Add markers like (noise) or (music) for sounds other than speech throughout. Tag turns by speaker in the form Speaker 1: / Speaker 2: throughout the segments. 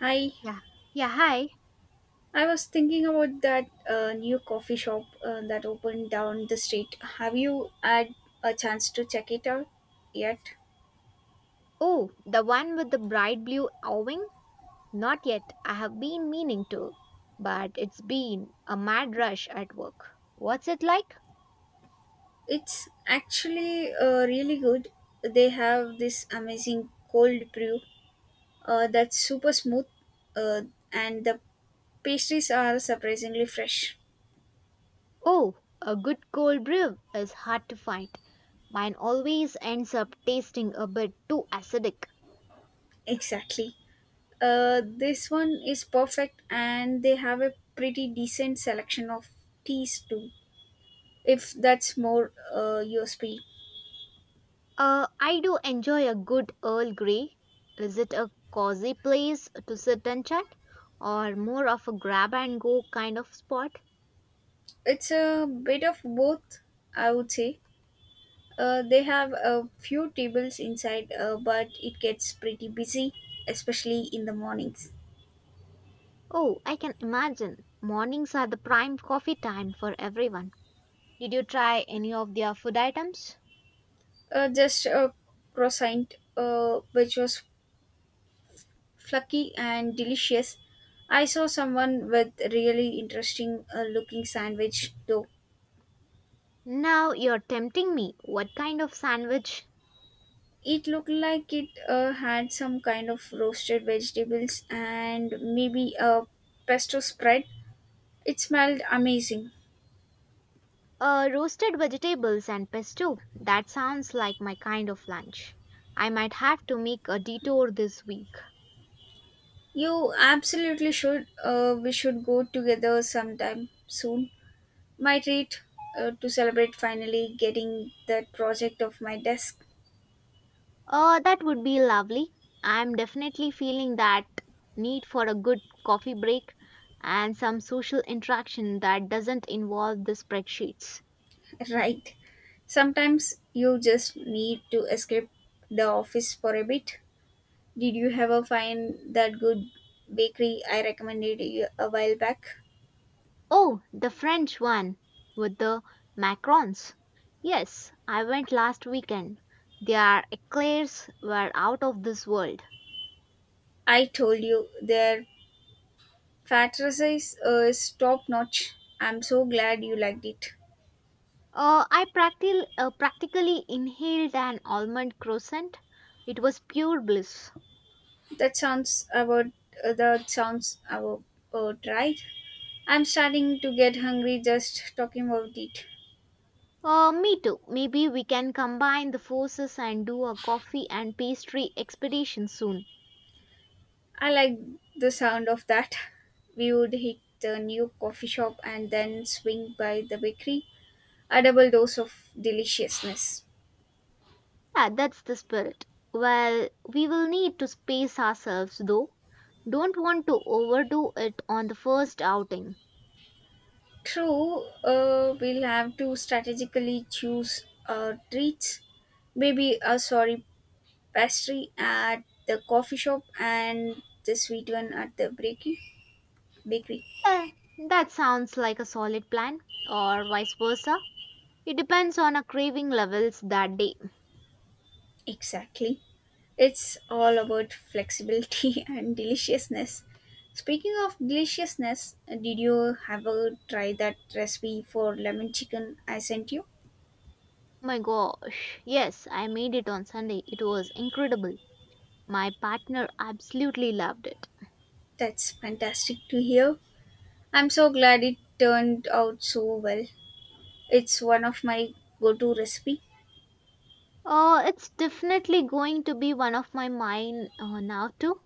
Speaker 1: Hi,
Speaker 2: Yeah. Yeah, hi.
Speaker 1: I was thinking about that new coffee shop that opened down the street. Have you had a chance to check it out yet?
Speaker 2: Oh, the one with the bright blue awning? Not yet. I have been meaning to, but it's been a mad rush at work. What's it like?
Speaker 1: It's actually really good. They have this amazing cold brew that's super smooth, uh, and the pastries are surprisingly fresh.
Speaker 2: Oh, a good cold brew is hard to find. Mine always ends up tasting a bit too acidic.
Speaker 1: (laughs) Exactly. This one is perfect, and they have a pretty decent selection of teas too, if that's more your speed.
Speaker 2: I do enjoy a good Earl Grey. Is it a cozy place to sit and chat, or more of a grab and go kind of spot?
Speaker 1: It's a bit of both, I would say. They have a few tables inside, but it gets pretty busy, especially in the mornings.
Speaker 2: Oh, I can imagine. Mornings are the prime coffee time for everyone. Did you try any of their food items?
Speaker 1: Just a croissant, which was fluffy and delicious. I saw someone with really interesting looking sandwich though.
Speaker 2: Now you're tempting me. What kind of sandwich?
Speaker 1: It looked like it had some kind of roasted vegetables and maybe a pesto spread. It smelled amazing.
Speaker 2: Roasted vegetables and pesto. That sounds like my kind of lunch. I might have to make a detour this week.
Speaker 1: You absolutely should. We should go together sometime soon. My treat to celebrate finally getting that project off my desk.
Speaker 2: That would be lovely. I'm definitely feeling that need for a good coffee break and some social interaction that doesn't involve the spreadsheets.
Speaker 1: (laughs) Right. Sometimes you just need to escape the office for a bit. Did you ever find that good bakery I recommended you a while back?
Speaker 2: Oh, the French one with the macarons. Yes, I went last weekend. Their eclairs were out of this world.
Speaker 1: I told you their fat size is top notch. I'm so glad you liked it.
Speaker 2: I practically inhaled an almond croissant. It was pure bliss.
Speaker 1: That sounds about that sounds about, right. I'm starting to get hungry just talking about it.
Speaker 2: Me too. Maybe we can combine the forces and do a coffee and pastry expedition soon.
Speaker 1: I like the sound of that. We would hit the new coffee shop and then swing by the bakery. A double dose of deliciousness.
Speaker 2: Yeah, that's the spirit. Well, we will need to space ourselves though. Don't want to overdo it on the first outing.
Speaker 1: True, we'll have to strategically choose our treats. Maybe a sorry pastry at the coffee shop and the sweet one at the bakery. Bakery,
Speaker 2: Eh, that sounds like a solid plan, or vice versa. It depends on our craving levels that day.
Speaker 1: exactly. It's all about flexibility (laughs) and deliciousness. Speaking of deliciousness, did you ever try that recipe for lemon chicken I sent you?
Speaker 2: My gosh, yes, I made it on Sunday. It was incredible. My partner absolutely loved it.
Speaker 1: That's fantastic to hear. I'm so glad it turned out so well. It's one of my go-to recipe.
Speaker 2: Oh, it's definitely going to be one of my mine now too.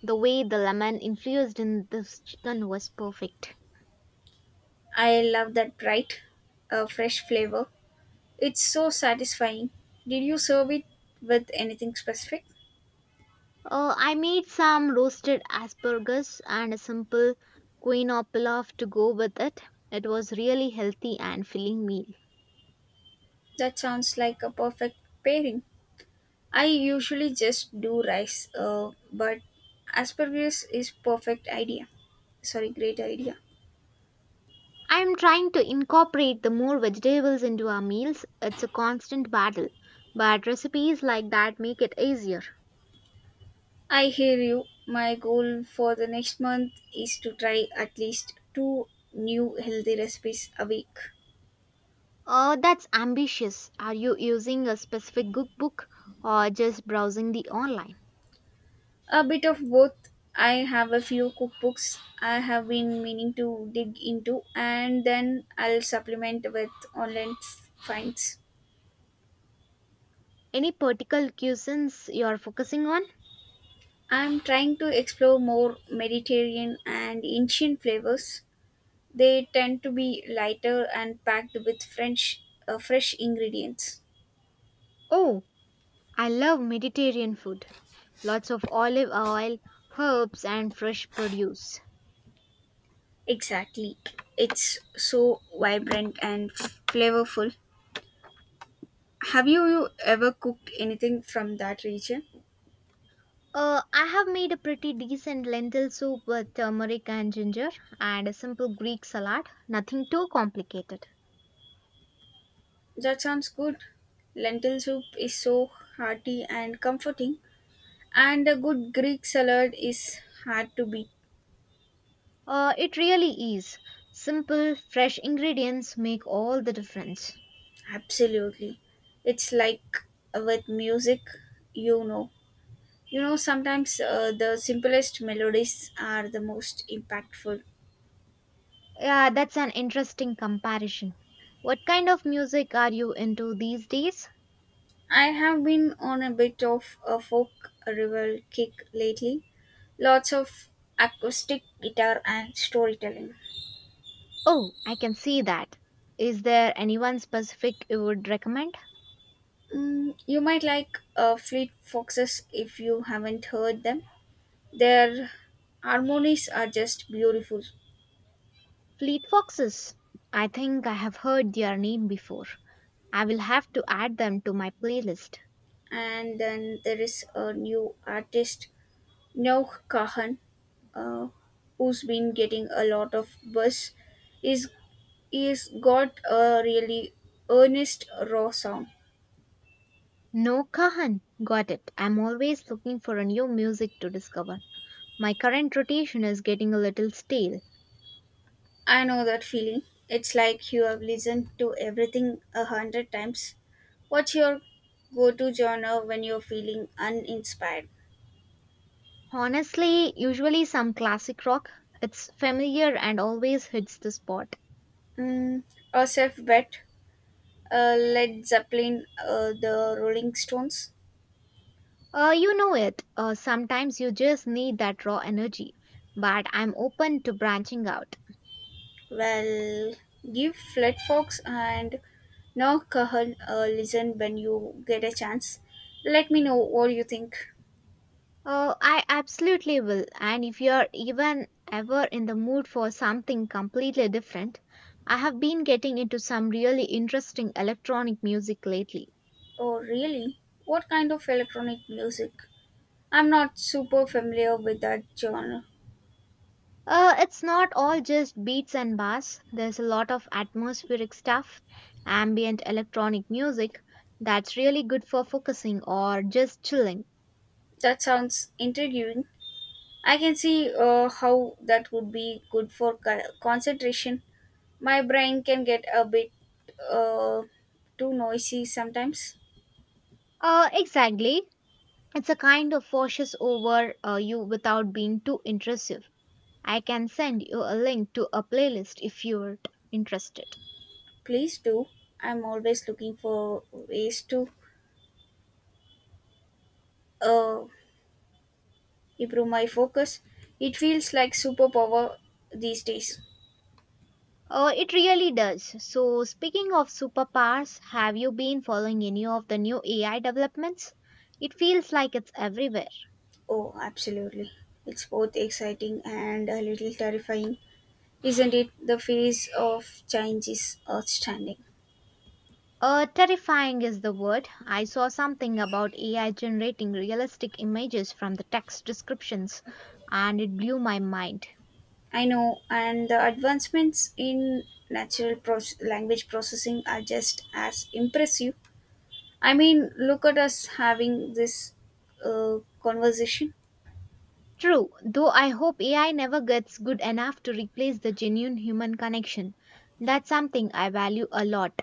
Speaker 2: The way the lemon infused in this chicken was perfect.
Speaker 1: I love that bright, fresh flavor. It's so satisfying. Did you serve it with anything specific?
Speaker 2: I made some roasted asparagus and a simple quinoa pilaf to go with it. It was really healthy and filling meal.
Speaker 1: That sounds like a perfect pairing. I usually just do rice, but asparagus is perfect idea. Sorry, great idea.
Speaker 2: I am trying to incorporate the more vegetables into our meals. It's a constant battle, but recipes like that make it easier.
Speaker 1: I hear you. My goal for the next month is to try at least two new healthy recipes a week.
Speaker 2: Oh, that's ambitious. Are you using a specific cookbook or just browsing the online?
Speaker 1: A bit of both. I have a few cookbooks I have been meaning to dig into, and then I'll supplement with finds.
Speaker 2: Any particular cuisines you're focusing on?
Speaker 1: I'm trying to explore more Mediterranean and Indian flavors. They tend to be lighter and packed with French fresh ingredients.
Speaker 2: Oh, I love Mediterranean food. Lots of olive oil, herbs, and fresh produce.
Speaker 1: Exactly. It's so vibrant and flavorful. You ever cooked anything from that region?
Speaker 2: I have made a pretty decent lentil soup with turmeric and ginger and a simple Greek salad, nothing too complicated.
Speaker 1: That sounds good. Lentil soup is so hearty and comforting, and a good Greek salad is hard to beat.
Speaker 2: It really is. Simple, fresh ingredients make all the difference.
Speaker 1: Absolutely. It's like with music, you know. You know, sometimes the simplest melodies are the most impactful.
Speaker 2: Yeah, that's an interesting comparison. What kind of music are you into these days?
Speaker 1: I have been on a bit of a folk revival kick lately. Lots of acoustic guitar and storytelling.
Speaker 2: Oh, I can see that. Is there anyone specific you would recommend?
Speaker 1: You might like Fleet Foxes if you haven't heard them. Their harmonies are just beautiful.
Speaker 2: Fleet Foxes. I think I have heard their name before. I will have to add them to my playlist.
Speaker 1: And then there is a new artist Noah Kahan, uh, who's been getting a lot of buzz, is is got a really earnest raw sound.
Speaker 2: No Kahan. Got it. I'm always looking for a new music to discover. My current rotation is getting a little stale.
Speaker 1: I know that feeling. It's like you have listened to everything a hundred times. What's your go-to genre when you're feeling uninspired?
Speaker 2: Honestly, usually some classic rock. It's familiar and always hits the spot.
Speaker 1: Mm, a safe bet, Led Zeppelin, the Rolling Stones.
Speaker 2: You know it. Sometimes you just need that raw energy. But I'm open to branching out.
Speaker 1: Well, give Flat Fox and No Cahill a listen when you get a chance. Let me know what you think.
Speaker 2: Oh, I absolutely will. And if you're even ever in the mood for something completely different, I have been getting into some really interesting electronic music lately.
Speaker 1: Oh, really? What kind of electronic music? I'm not super familiar with that genre.
Speaker 2: It's not all just beats and bass. There's a lot of atmospheric stuff, ambient electronic music that's really good for focusing or just chilling.
Speaker 1: That sounds intriguing. I can see how that would be good for concentration. My brain can get a bit uh, too noisy sometimes.
Speaker 2: Exactly. It's a kind of washes over you without being too intrusive. I can send you a link to a playlist if you're interested.
Speaker 1: Please do. I'm always looking for ways to uh, improve my focus. It feels like superpower these days.
Speaker 2: Oh, it really does. So, speaking of superpowers, have you been following any of the new AI developments? It feels like it's everywhere.
Speaker 1: Oh, absolutely. It's both exciting and a little terrifying, isn't it? The phase of change is outstanding.
Speaker 2: Terrifying is the word. I saw something about AI generating realistic images from the text descriptions, and it blew my mind.
Speaker 1: I know, and the advancements in language processing are just as impressive. I mean, look at us having this conversation.
Speaker 2: True, though I hope AI never gets good enough to replace the genuine human connection. That's something I value a lot.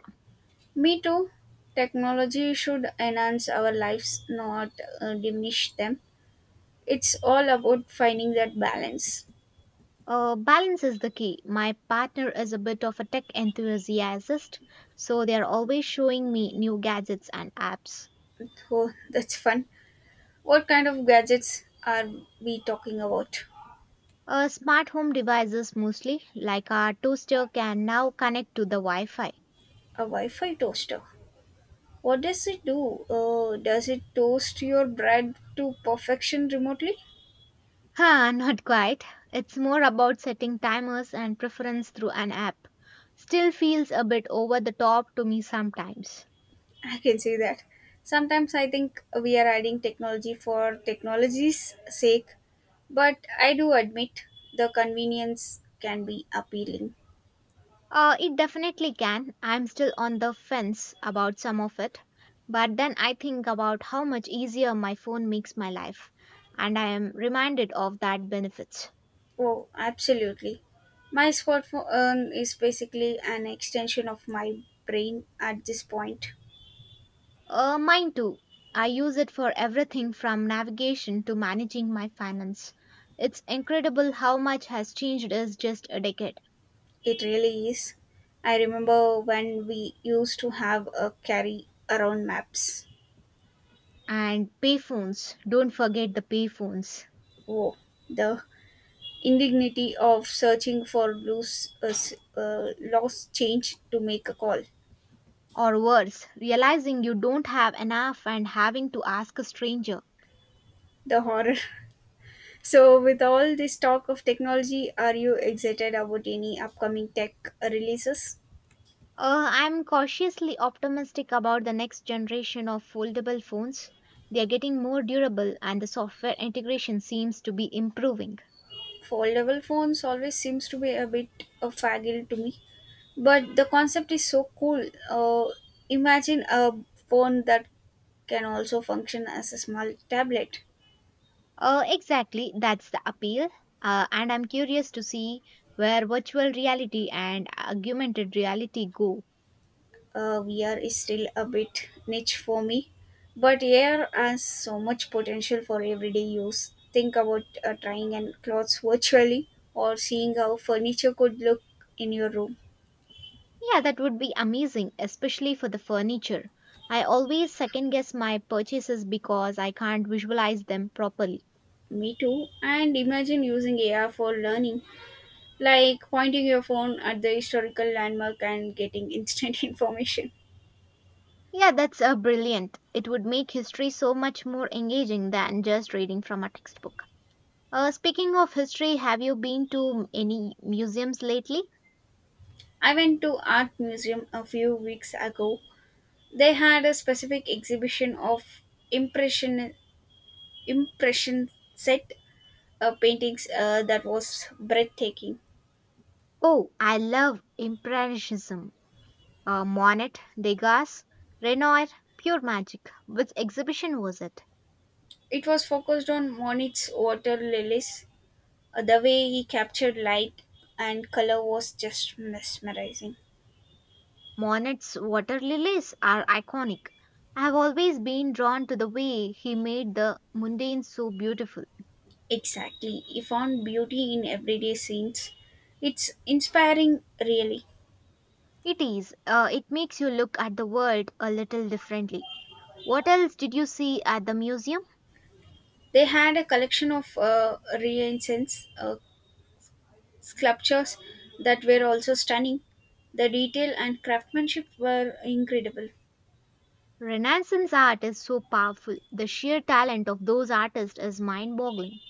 Speaker 1: Me too. Technology should enhance our lives, not diminish them. It's all about finding that balance.
Speaker 2: Balance is the key. My partner is a bit of a tech enthusiast, so they are always showing me new gadgets and apps.
Speaker 1: Oh, that's fun. What kind of gadgets are we talking about?
Speaker 2: Smart home devices mostly, like our toaster, can now connect to the Wi Fi.
Speaker 1: A Wi Fi toaster. What does it do? Does it toast your bread to perfection remotely?
Speaker 2: Huh, (laughs) not quite. It's more about setting timers and preference through an app. Still feels a bit over the top to me sometimes.
Speaker 1: I can see that. Sometimes I think we are adding technology for technology's sake, but I do admit the convenience can be appealing.
Speaker 2: It definitely can. I'm still on the fence about some of it. But then I think about how much easier my phone makes my life, and I am reminded of that benefits.
Speaker 1: Oh, absolutely. My smartphone is basically an extension of my brain at this point.
Speaker 2: Mine too. I use it for everything from navigation to managing my finance. It's incredible how much has changed in just a decade.
Speaker 1: It really is. I remember when we used to have a carry around maps.
Speaker 2: And payphones, don't forget the payphones.
Speaker 1: Oh, the indignity of searching for loose, lost change to make a call.
Speaker 2: Or worse, realizing you don't have enough and having to ask a stranger.
Speaker 1: The horror. (laughs) So, with all this talk of technology, are you excited about any upcoming tech releases?
Speaker 2: I'm cautiously optimistic about the next generation of foldable phones. They're getting more durable and the software integration seems to be improving.
Speaker 1: Foldable phones always seems to be a bit a faggle to me, but the concept is so cool. Uh, Imagine a phone that can also function as a small tablet.
Speaker 2: Exactly, that's the appeal. And I'm curious to see where virtual reality and augmented reality go.
Speaker 1: VR is still a bit niche for me, but AR has so much potential for everyday use. Think about trying and clothes virtually or seeing how furniture could look in your room.
Speaker 2: Yeah, that would be amazing, especially for the furniture. I always second guess my purchases because I can't visualize them properly.
Speaker 1: Me too. And imagine using AR for learning like pointing your phone at the historical landmark and getting instant (laughs) information.
Speaker 2: Yeah, that's brilliant. It would make history so much more engaging than just reading from a textbook. Speaking of history, have you been to any museums lately?
Speaker 1: I went to art museum a few weeks ago. They had a specific exhibition of impression impression set paintings that was breathtaking.
Speaker 2: Oh, I love Impressionism. Monet, Degas, Renoir, pure magic. Which exhibition was it?
Speaker 1: It was focused on Monet's water lilies. The way he captured light and color was just mesmerizing.
Speaker 2: Monet's water lilies are iconic. I have always been drawn to the way he made the mundane so beautiful.
Speaker 1: Exactly, he found beauty in everyday scenes. It's inspiring, really.
Speaker 2: It is, it makes you look at the world a little differently. What else did you see at the museum?
Speaker 1: They had a collection of Renaissance sculptures that were also stunning. The detail and craftsmanship were incredible.
Speaker 2: Renaissance art is so powerful. The sheer talent of those artists is mind boggling.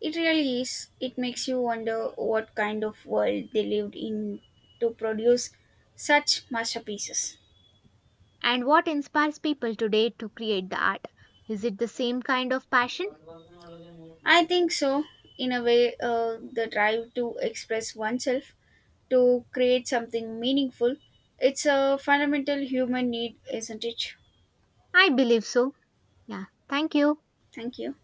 Speaker 1: It really is. It makes you wonder what kind of world they lived in to produce such masterpieces.
Speaker 2: And what inspires people today to create the art? Is it the same kind of passion?
Speaker 1: I think so. In a way, the drive to express oneself, to create something meaningful, it's a fundamental human need, isn't it?
Speaker 2: I believe so. Yeah, thank you.
Speaker 1: Thank you.